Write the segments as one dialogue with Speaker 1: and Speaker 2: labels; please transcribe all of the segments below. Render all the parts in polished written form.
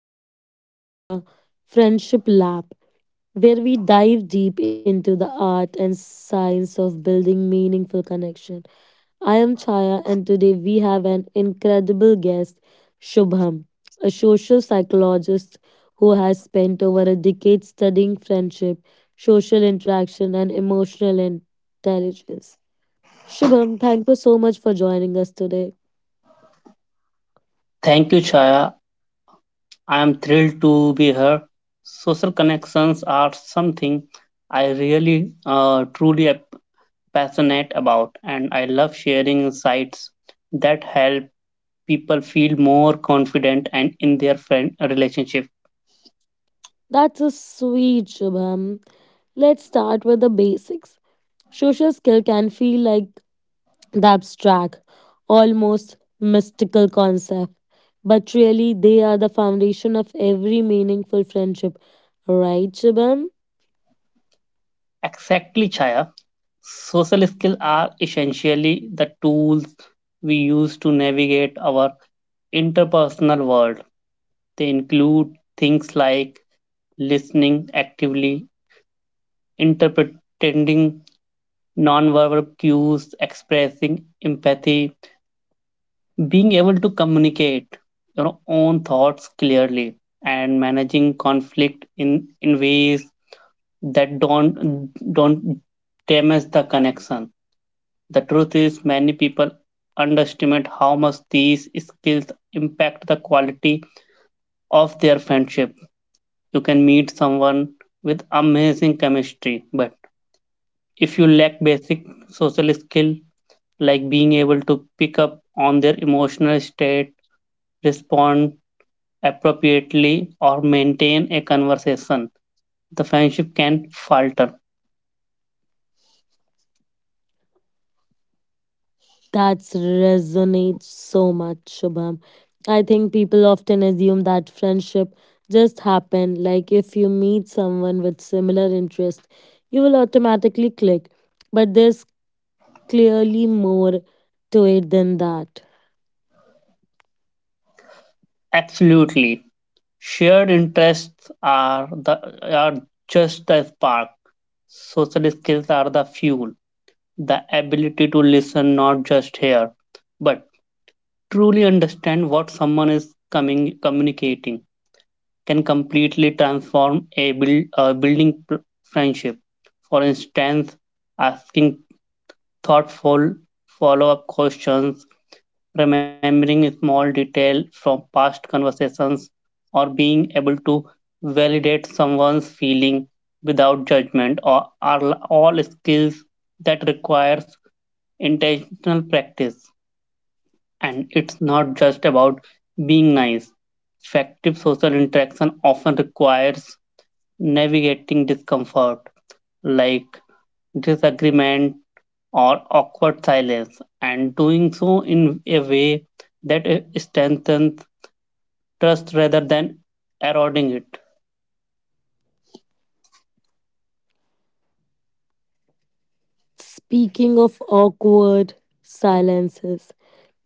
Speaker 1: and welcome back to the Friendship Lab, where we dive deep into the art and science of building meaningful connection. I am Chaya, and today we have an incredible guest, Shubham, a social psychologist who has spent over a decade studying friendship, social interaction, and emotional intelligence. Shubham, thank you so much for joining us today.
Speaker 2: Thank you, Chaya. I am thrilled to be here. Social connections are something I really, truly am passionate about, and I love sharing insights that help people feel more confident and in their friend relationship.
Speaker 1: That's a sweet Shubham. Let's start with the basics. Social skill can feel like the abstract, almost mystical concept, but really they are the foundation of every meaningful friendship. Right, Shubham?
Speaker 2: Exactly, Chaya. Social skills are essentially the tools we use to navigate our interpersonal world. They include things like listening actively, interpreting nonverbal cues, expressing empathy, being able to communicate your own thoughts clearly, and managing conflict in ways that don't damage the connection. The truth is, many people underestimate how much these skills impact the quality of their friendship. You can meet someone with amazing chemistry, but if you lack basic social skill like being able to pick up on their emotional state, respond appropriately, or maintain a conversation. The friendship can falter.
Speaker 1: That resonates so much, Shubham. I think people often assume that friendship just happen, like if you meet someone with similar interest, you will automatically click. But there's clearly more to it than that.
Speaker 2: Absolutely. Shared interests are just the spark. Social skills are the fuel. The ability to listen, not just hear, but truly understand what someone is coming communicating can completely transform a friendship. For instance, asking thoughtful follow up questions, remembering small detail from past conversations, or being able to validate someone's feeling without judgment are all skills that requires intentional practice, and it's not just about being nice. Effective social interaction often requires navigating discomfort like disagreement or awkward silence, and doing so in a way that strengthens trust rather than eroding it.
Speaker 1: Speaking of awkward silences,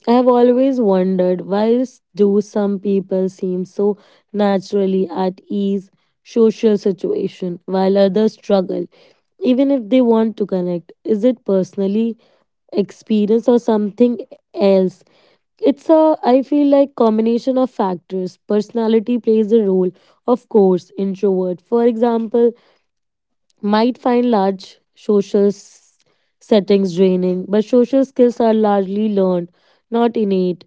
Speaker 1: I have always wondered why do some people seem so naturally at ease social situation while others struggle even if they want to connect. Is it personally experience or something else? It's a, I feel like combination of factors. Personality plays a role, of course. Introvert for example might find large social settings draining, but social skills are largely learned, not innate.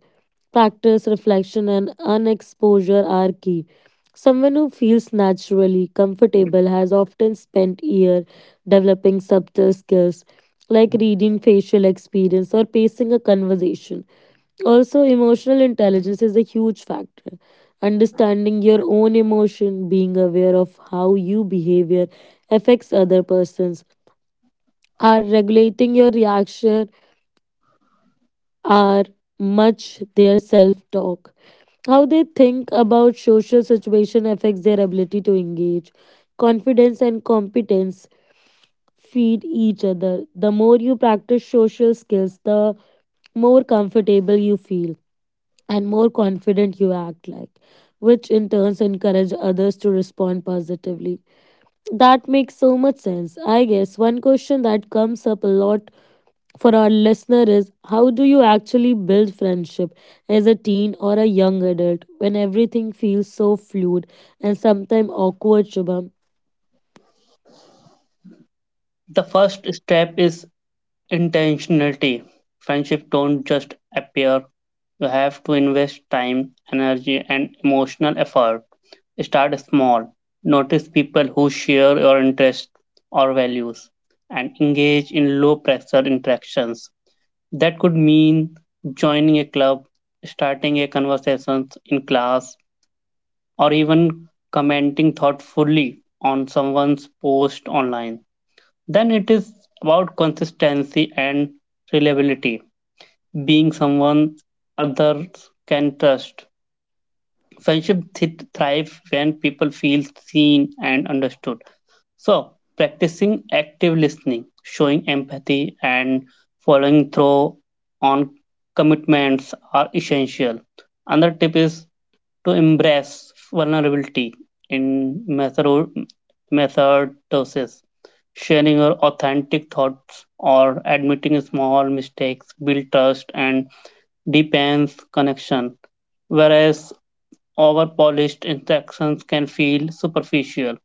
Speaker 1: Practice, reflection, and unexposure are key. Someone who feels naturally comfortable has often spent years developing subtle skills like reading facial experience or pacing a conversation. Also, emotional intelligence is a huge factor. Understanding your own emotion, being aware of how you behave affects other persons. Are regulating your reaction are much their self talk. How they think about social situation affects their ability to engage. Confidence and competence feed each other. The more you practice social skills, the more comfortable you feel and more confident you act like, which in turns encourage others to respond positively. That makes so much sense. I guess one question that comes up a lot for our listener is, how do you actually build friendship as a teen or a young adult when everything feels so fluid and sometimes awkward, Shubham?
Speaker 2: The first step is intentionality. Friendship don't just appear. You have to invest time, energy, and emotional effort. Start small. Notice people who share your interests or values and engage in low pressure interactions. That could mean joining a club, starting a conversation in class, or even commenting thoughtfully on someone's post online. Then it is about consistency and reliability, being someone others can trust. Friendship thrive when people feel seen and understood. So, practicing active listening, showing empathy, and following through on commitments are essential. Another tip is to embrace vulnerability in methodosis, sharing your authentic thoughts or admitting small mistakes build trust and deepens connection, whereas over-polished interactions can feel superficial.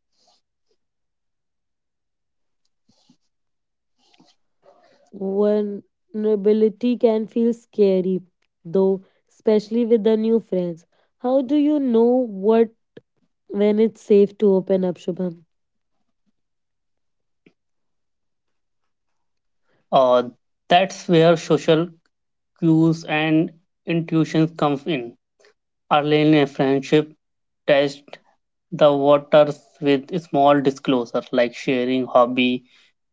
Speaker 1: Vulnerability can feel scary though, especially with the new friends. How do you know what when it's safe to open up, Shubham?
Speaker 2: Uh, that's where social cues and intuitions come in. Early in a friendship, test the waters with small disclosures like sharing hobby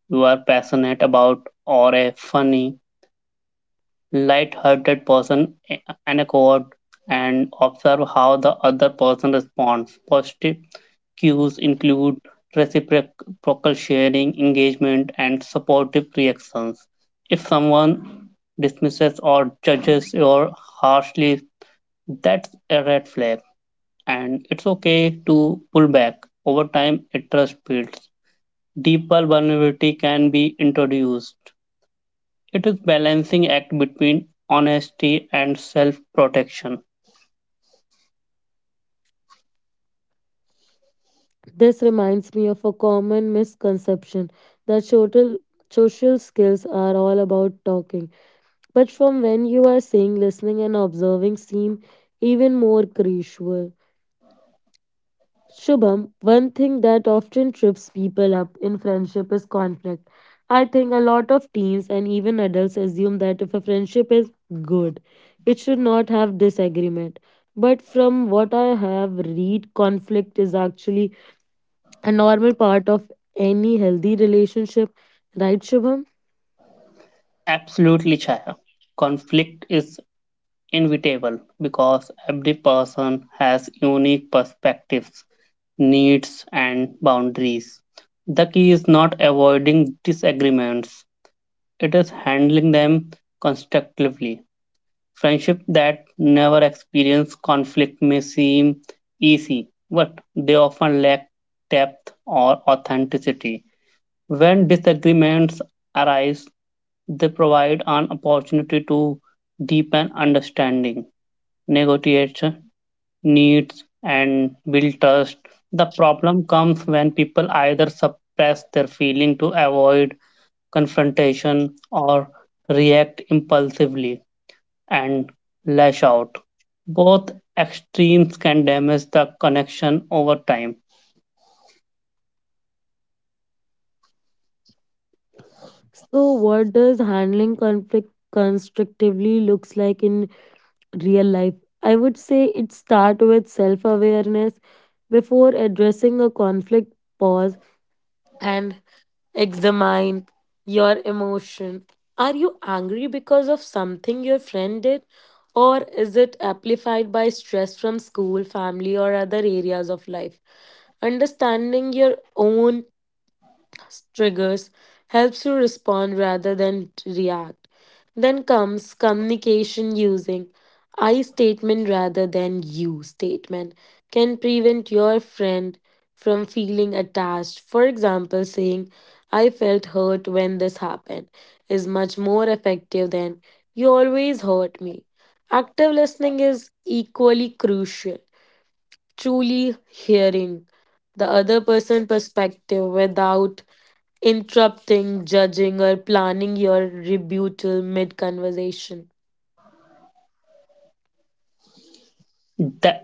Speaker 2: you are passionate about or a funny, light-hearted person anecdote, and observe how the other person responds. Positive cues include reciprocal sharing, engagement, and supportive reactions. If someone dismisses or judges you harshly, that's a red flag, and it's okay to pull back. Over time, it trust builds. Deeper vulnerability can be introduced. It is balancing act between honesty and self-protection.
Speaker 1: This reminds me of a common misconception that social skills are all about talking. But from when you are saying listening and observing seem even more crucial. Shubham, one thing that often trips people up in friendship is conflict. I think a lot of teens and even adults assume that if a friendship is good, it should not have disagreement. But from what I have read, conflict is actually a normal part of any healthy relationship, right, Shubham?
Speaker 2: Absolutely, Chaya. Conflict is inevitable because every person has unique perspectives, needs, and boundaries. The key is not avoiding disagreements, it is handling them constructively. Friendship that never experience conflict may seem easy, but they often lack depth or authenticity. When disagreements arise, they provide an opportunity to deepen understanding, negotiate needs, and build trust. The problem comes when people either suppress their feeling to avoid confrontation or react impulsively and lash out. Both extremes can damage the connection over time.
Speaker 1: So, what does handling conflict constructively looks like in real life? I would say it start with self awareness. Before addressing a conflict, pause and examine your emotion. Are you angry because of something your friend did, or is it amplified by stress from school, family, or other areas of life? Understanding your own triggers helps you respond rather than react. Then comes communication. Using I statement rather than you statement can prevent your friend from feeling attached. For example, saying I felt hurt when this happened is much more effective than you always hurt me. Active listening is equally crucial, truly hearing the other person perspective without interrupting, judging, or planning your rebuttal mid conversation.
Speaker 2: The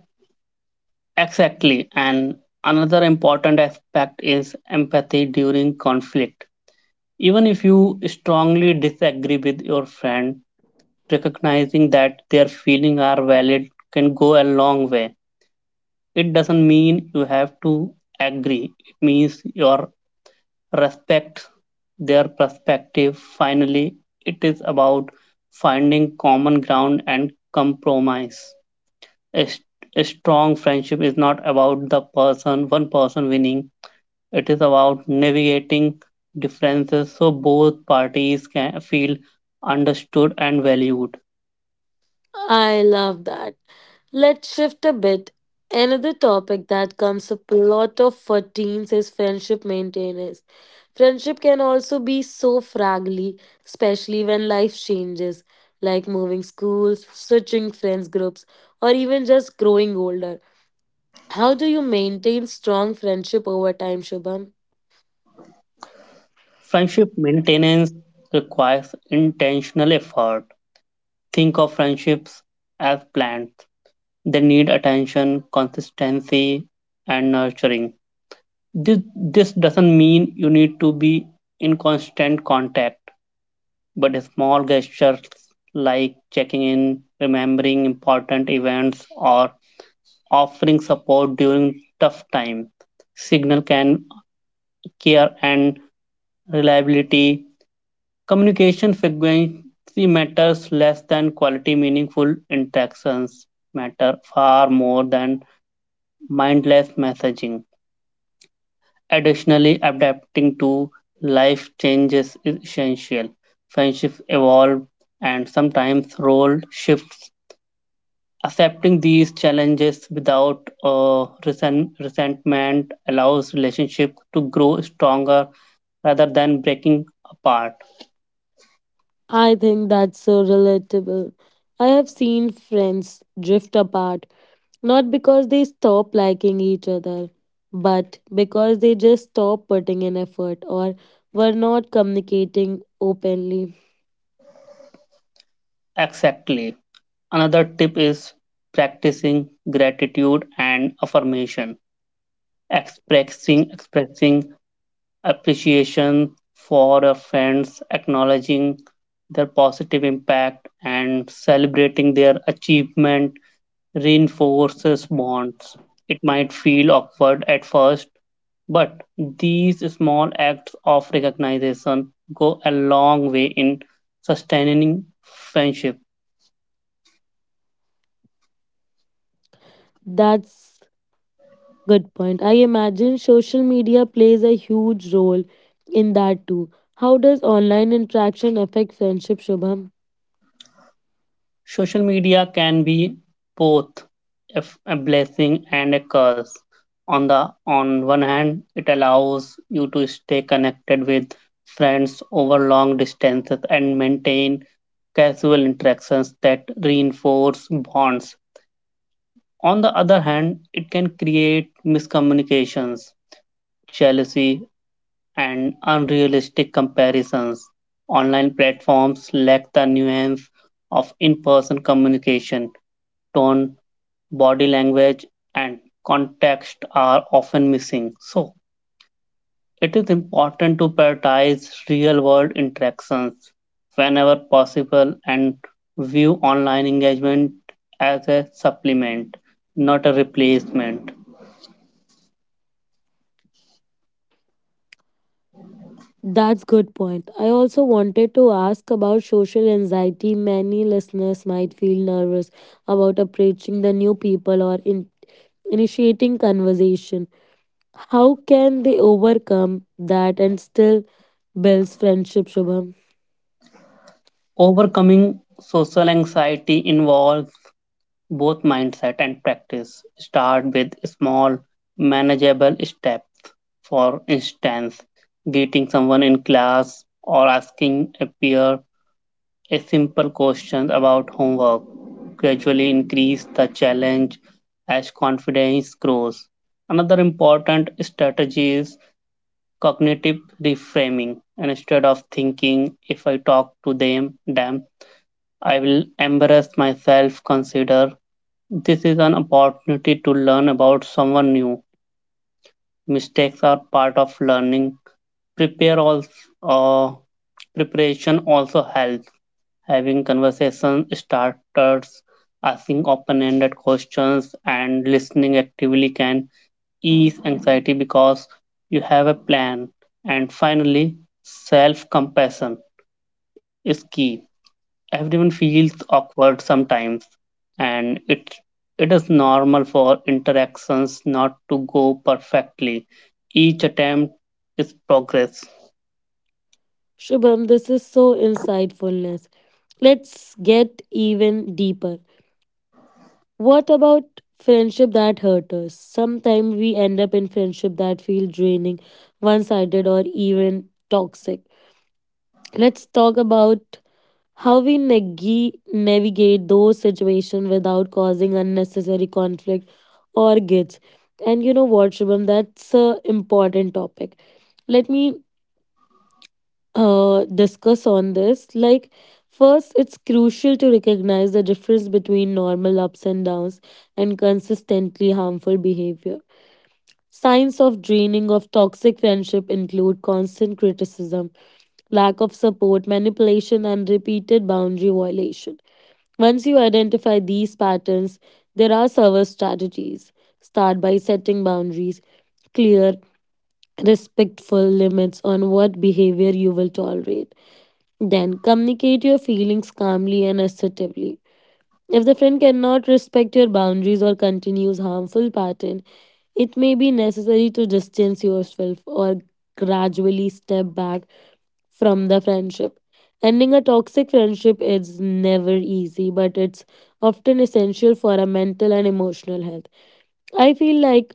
Speaker 2: Exactly. And another important aspect is empathy during conflict. Even if you strongly disagree with your friend, recognizing that their feelings are valid can go a long way. It doesn't mean you have to agree, it means your respect their perspective. Finally, it is about finding common ground and compromise. A, s- a strong friendship is not about one person winning. It is about navigating differences so both parties can feel understood and valued.
Speaker 1: I love that. Let's shift a bit. Another topic that comes up a lot of for teens is friendship maintenance. Friendship can also be so fragile, especially when life changes, like moving schools, switching friends groups, or even just growing older. How do you maintain strong friendship over time, Shubham?
Speaker 2: Friendship maintenance requires intentional effort. Think of friendships as plants. They need attention, consistency, and nurturing. This doesn't mean you need to be in constant contact, but small gestures like checking in, remembering important events, or offering support during tough time. Signal can care and reliability. Communication frequency matters less than quality. Meaningful interactions matter far more than mindless messaging. Additionally, adapting to life changes is essential. Friendships evolve and sometimes role shifts. Accepting these challenges without resentment allows relationship to grow stronger rather than breaking apart.
Speaker 1: I think that's so relatable. I have seen friends drift apart, not because they stop liking each other, but because they just stop putting in effort or were not communicating openly.
Speaker 2: Exactly. Another tip is practicing gratitude and affirmation. Expressing appreciation for your friends, acknowledging their positive impact and celebrating their achievement reinforces bonds. It might feel awkward at first, but these small acts of recognition go a long way in sustaining friendship.
Speaker 1: That's good point. I imagine social media plays a huge role in that too. How does online interaction affect friendship, Shubham?
Speaker 2: Social media can be both a blessing and a curse. On the on one hand, it allows you to stay connected with friends over long distances and maintain casual interactions that reinforce bonds. On the other hand, it can create miscommunications, jealousy, and unrealistic comparisons. Online platforms lack the nuance of in person communication, tone, body language, and context are often missing. So, it is important to prioritize real world interactions whenever possible and view online engagement as a supplement, not a replacement.
Speaker 1: That's good point. I also wanted to ask about social anxiety. Many listeners might feel nervous about approaching the new people or in initiating conversation. How can they overcome that and still builds friendship, Shubham?
Speaker 2: Overcoming social anxiety involves both mindset and practice. Start with small, manageable steps. For instance, greeting someone in class or asking a peer a simple question about homework. Gradually increase the challenge as confidence grows. Another important strategy is cognitive reframing. And instead of thinking, if I talk to them, I will embarrass myself, consider this is an opportunity to learn about someone new. Mistakes are part of learning. Prepare also, uh, preparation also helps. Having conversation starters, asking open-ended questions, and listening actively can ease anxiety because you have a plan. And finally, self-compassion is key. Everyone feels awkward sometimes, and it is normal for interactions not to go perfectly. Each attempt is progress.
Speaker 1: Shubham, this is so insightfulness. Let's get even deeper. What about friendship that hurt us? Sometimes we end up in friendship that feel draining, one-sided or even toxic. Let's talk about how we navigate those situations without causing unnecessary conflict or gets. And you know what, Shubham, that's a important topic. Let me discuss on this. Like, first, it's crucial to recognize the difference between normal ups and downs and consistently harmful behavior. Signs of draining of toxic friendship include constant criticism, lack of support, manipulation, and repeated boundary violation. Once you identify these patterns, there are several strategies. Start by setting boundaries, clear, respectful limits on what behavior you will tolerate. Then communicate your feelings calmly and assertively. If the friend cannot respect your boundaries or continues harmful pattern, it may be necessary to distance yourself or gradually step back from the friendship. Ending a toxic friendship is never easy, but it's often essential for our mental and emotional health. I feel like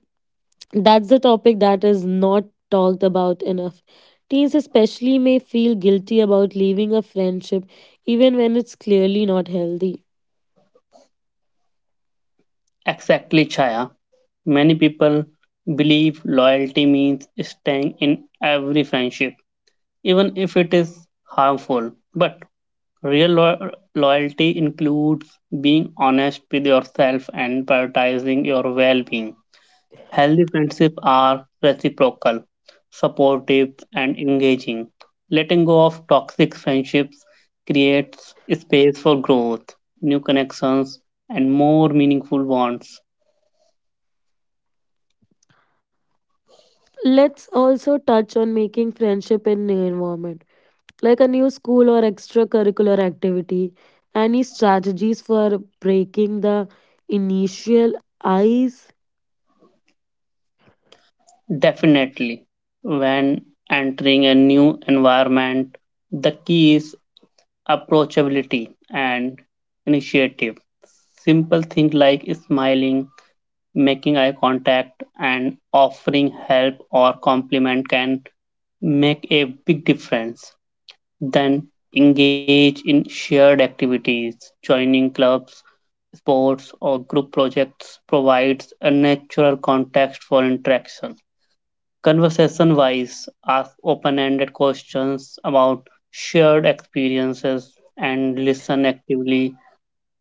Speaker 1: that's the topic that is not talked about enough. Teens, especially, may feel guilty about leaving a friendship even when it's clearly not healthy.
Speaker 2: Exactly, Chaya. Many people believe loyalty means staying in every friendship even if it is harmful, but real lo- loyalty includes being honest with yourself and prioritizing your well-being. Healthy friendships are reciprocal, supportive, and engaging. Letting go of toxic friendships creates space for growth, new connections, and more meaningful bonds.
Speaker 1: Let's also touch on making friendship in new environment, like a new school or extracurricular activity. Any strategies for breaking the initial ice?
Speaker 2: Definitely, when entering a new environment, the key is approachability and initiative. Simple things like smiling, making eye contact and offering help or compliment can make a big difference. Then engage in shared activities, joining clubs, sports, or group projects provides a natural context for interaction. Conversation wise, ask open ended questions about shared experiences and listen actively.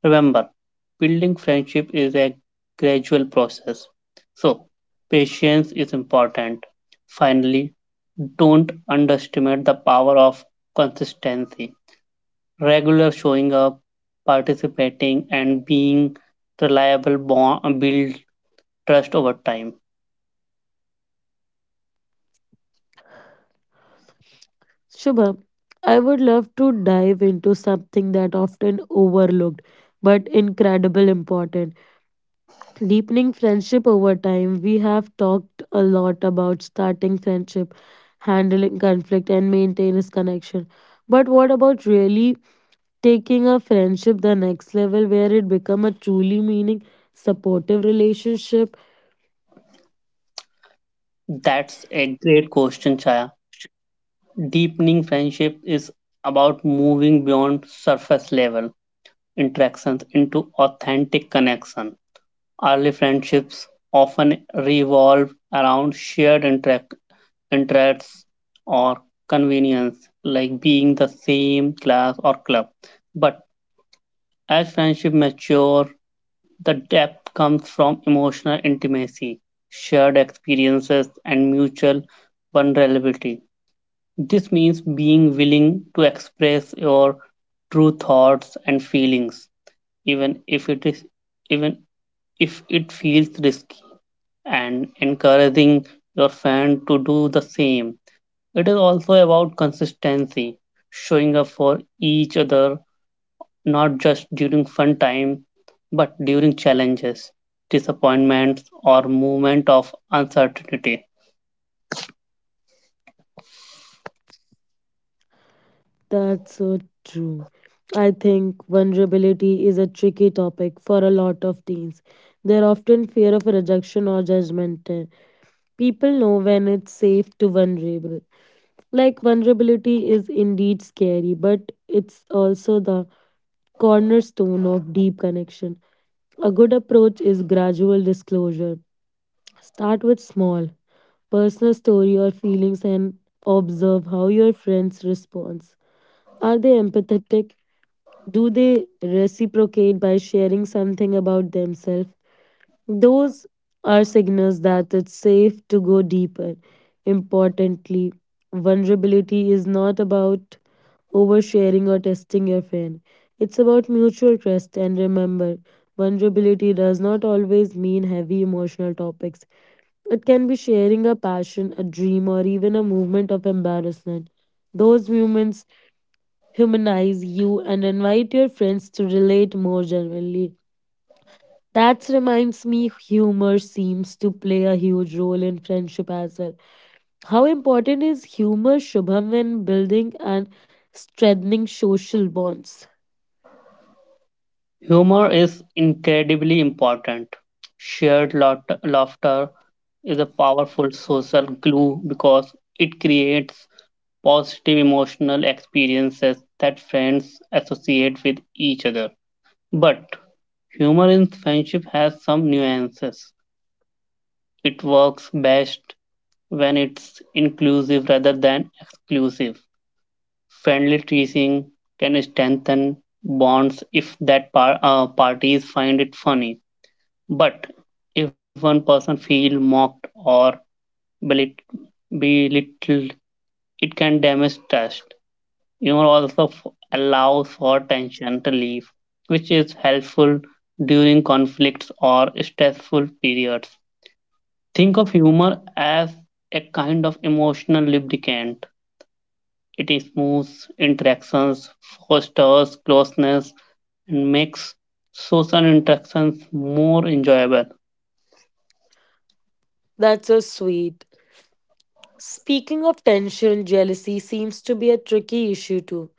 Speaker 2: Remember, building friendship is a gradual process. So, patience is important. Finally, don't underestimate the power of consistency. Regular showing up, participating, and being reliable bond, build trust over time.
Speaker 1: Shubham, I would love to dive into something that often overlooked but incredible important. Deepening friendship over time. We have talked a lot about starting friendship, handling conflict and maintaining connection. But what about really taking a friendship the next level where it become a truly meaning supportive relationship?
Speaker 2: That's a great question, Chaya. Deepening friendship is about moving beyond surface level interactions into authentic connection. Early friendships often revolve around shared interests or convenience, like being the same class or club. But as friendship mature, the depth comes from emotional intimacy, shared experiences, and mutual vulnerability. This means being willing to express your true thoughts and feelings, even if it is even if it feels risky, and encouraging your fan to do the same. It is also about consistency, showing up for each other not just during fun time but during challenges, disappointments or moment of uncertainty.
Speaker 1: That's so true. I think vulnerability is a tricky topic for a lot of teens. They're often fear of rejection or judgment. People know when it's safe to vulnerable. Like, vulnerability is indeed scary, but it's also the cornerstone of deep connection. A good approach is gradual disclosure. Start with small personal story or feelings and observe how your friends respond. Are they empathetic? Do they reciprocate by sharing something about themselves? Those are signals that it's safe to go deeper. Importantly, vulnerability is not about oversharing or testing your friend. It's about mutual trust, and remember, vulnerability does not always mean heavy emotional topics. It can be sharing a passion, a dream, or even a movement of embarrassment. Those moments humanize you and invite your friends to relate more genuinely. That reminds me, humor seems to play a huge role in friendship as well. How important is humor, Shubham, when building and strengthening social bonds?
Speaker 2: Humor is incredibly important. Shared laughter is a powerful social glue because it creates positive emotional experiences that friends associate with each other. But humor in friendship has some nuances. It works best when it's inclusive rather than exclusive. Friendly teasing can strengthen bonds if that parties find it funny. But if one person feels mocked or belit- belittled, it can damage trust. Humor allows for tension relief, which is helpful during conflicts or stressful periods. Think of humor as a kind of emotional lubricant. It smooths interactions, fosters closeness, and makes social interactions more enjoyable.
Speaker 1: That's so sweet. Speaking of tension, jealousy seems to be a tricky issue too.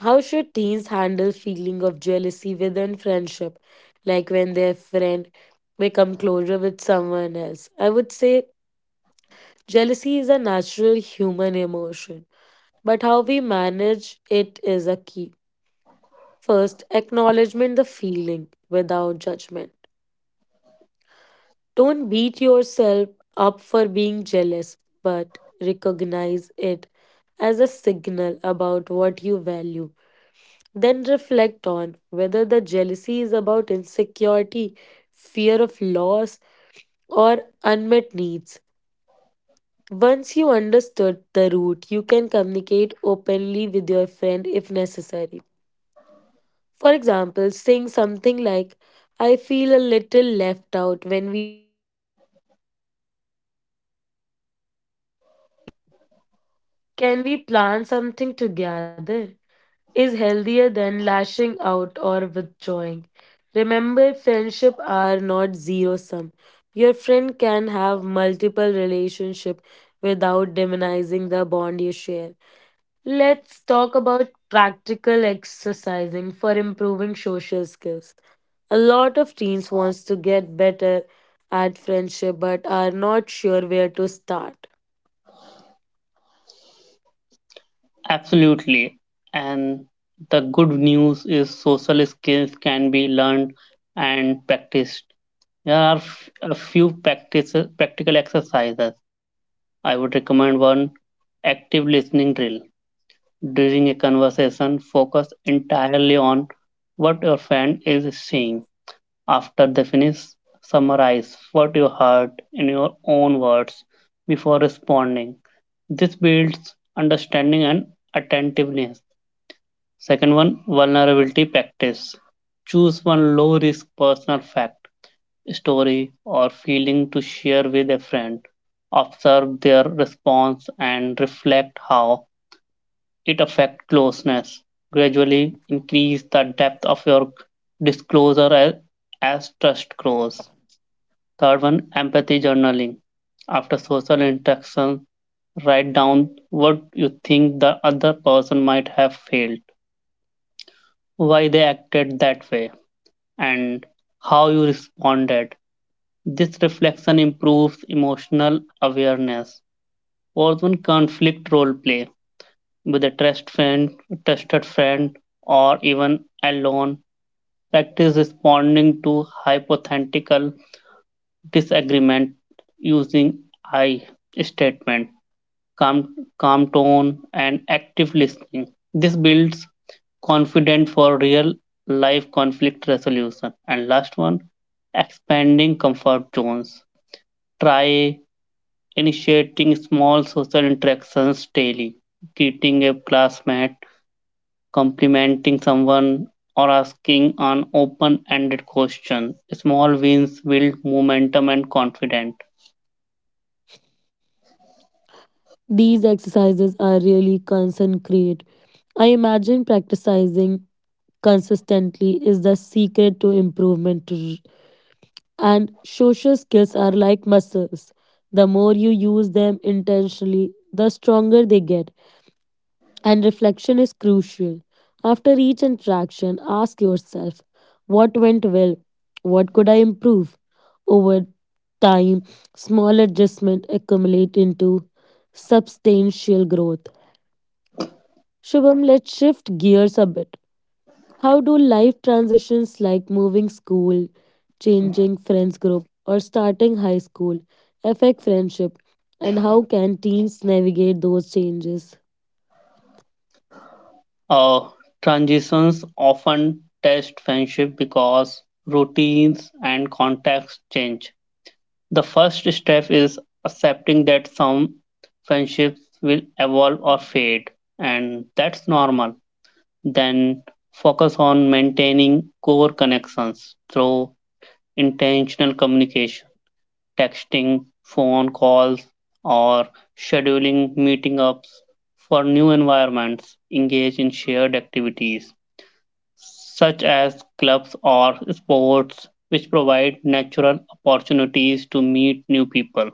Speaker 1: How should teens handle feeling of jealousy within friendship, like when their friend become closer with someone else? I would say jealousy is a natural human emotion, but how we manage it is a key. First, acknowledgement the feeling without judgment. Don't beat yourself up for being jealous, but recognize it as a signal about what you value. Then reflect on whether the jealousy is about insecurity, fear of loss, or unmet needs. Once you understood the root, you can communicate openly with your friend if necessary. For example, saying something like, I feel a little left out when we
Speaker 3: Can we plan something together? Is healthier than lashing out or withdrawing. Remember, friendship are not zero sum. Your friend can have multiple relationship without demonizing the bond you share. Let's talk about practical exercising for improving social skills. A lot of teens wants to get better at friendship but are not sure where to start.
Speaker 2: Absolutely. And the good news is social skills can be learned and practiced. There are a few practical exercises I would recommend. One, active listening drill. During a conversation, focus entirely on what your friend is saying. After they finish, summarize what you heard in your own words before responding. This builds understanding and attentiveness. Second one, vulnerability practice. Choose one low risk personal fact, story, or feeling to share with a friend. Observe their response and reflect how it affects closeness. Gradually increase the depth of your disclosure as trust grows. Third one, empathy journaling. After social interaction, write down what you think the other person might have felt, why they acted that way, and how you responded. This reflection improves emotional awareness. Fourth one, conflict role play with a trusted friend, or even alone. Practice responding to hypothetical disagreement using I statement, calm tone, and active listening. This builds confidence for real life conflict resolution. And last one, expanding comfort zones. Try initiating small social interactions daily, greeting a classmate, complimenting someone, or asking an open ended question. Small wins build momentum and confidence.
Speaker 3: These exercises are really concentrate. I imagine practicing consistently is the secret to improvement. And social skills are like muscles. The more you use them intentionally, the stronger they get. And reflection is crucial. After each interaction, ask yourself, what went well? What could I improve? Over time, small adjustments accumulate into substantial growth. Shubham, let's shift gears a bit. How do life transitions like moving school, changing friends group, or starting high school affect friendship? And how can teens navigate those changes?
Speaker 2: Uh, transitions often test friendship because routines and context change. The first step is accepting that some friendships will evolve or fade, and that's normal. Then focus on maintaining core connections through intentional communication, texting, phone calls, or scheduling meeting ups. For new environments, engage in shared activities such as clubs or sports, which provide natural opportunities to meet new people.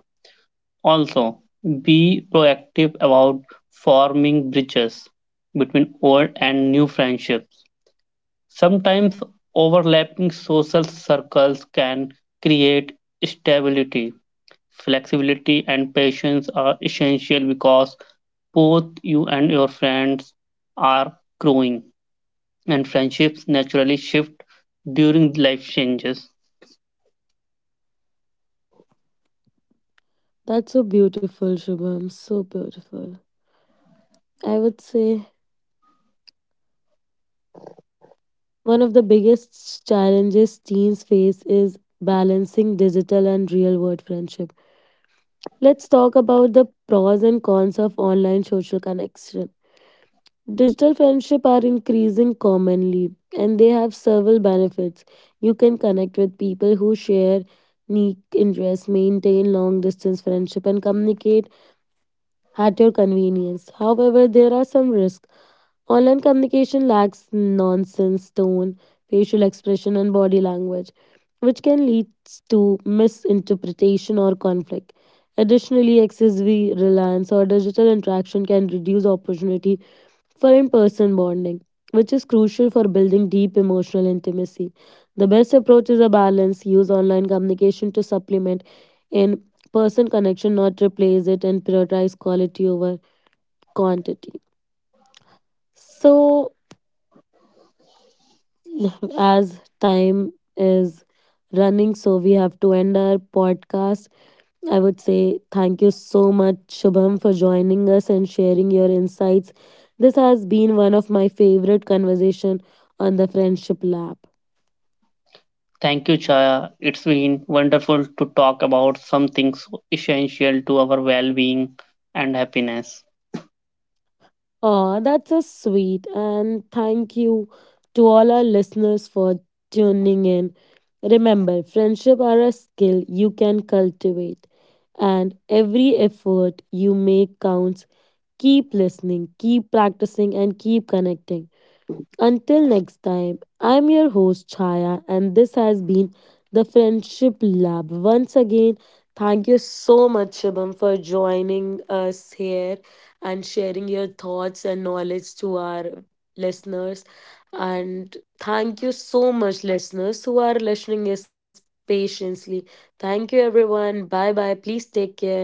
Speaker 2: Also, be proactive about forming bridges between old and new friendships. Sometimes overlapping social circles can create stability. Flexibility and patience are essential because both you and your friends are growing, and friendships naturally shift during life changes.
Speaker 3: That's so beautiful, Shubham. So beautiful. I would say one of the biggest challenges teens face is balancing digital and real world friendship. Let's talk about the pros and cons of online social connection. Digital friendship are increasing commonly and they have several benefits. You can connect with people who share niche interests, maintain long distance friendship and communicate at your convenience. However, there are some risks. Online communication lacks nonsense tone, facial expression and body language, which can lead to misinterpretation or conflict. Additionally, excessive reliance or digital interaction can reduce opportunity for in person bonding, which is crucial for building deep emotional intimacy. The best approach is a balance, use online communication to supplement in person connection, not replace it, and prioritize quality over quantity. So, as time is running, so we have to end our podcast. I would say thank you so much, Shubham, for joining us and sharing your insights. This has been one of my favorite conversation on the Friendship Lab.
Speaker 2: Thank you, Chaya. It's been wonderful to talk about something so essential to our well being and happiness.
Speaker 3: Aw, that's so sweet. And thank you to all our listeners for tuning in. Remember, friendship are a skill you can cultivate, and every effort you make counts. Keep listening, keep practicing, and keep connecting. Until next time, I'm your host Chaya, and this has been the Friendship Lab. Once again, thank you so much, Shubham, for joining us here and sharing your thoughts and knowledge to our listeners. And thank you so much, listeners, who are listening us patiently. Thank you, everyone. Bye bye. Please take care.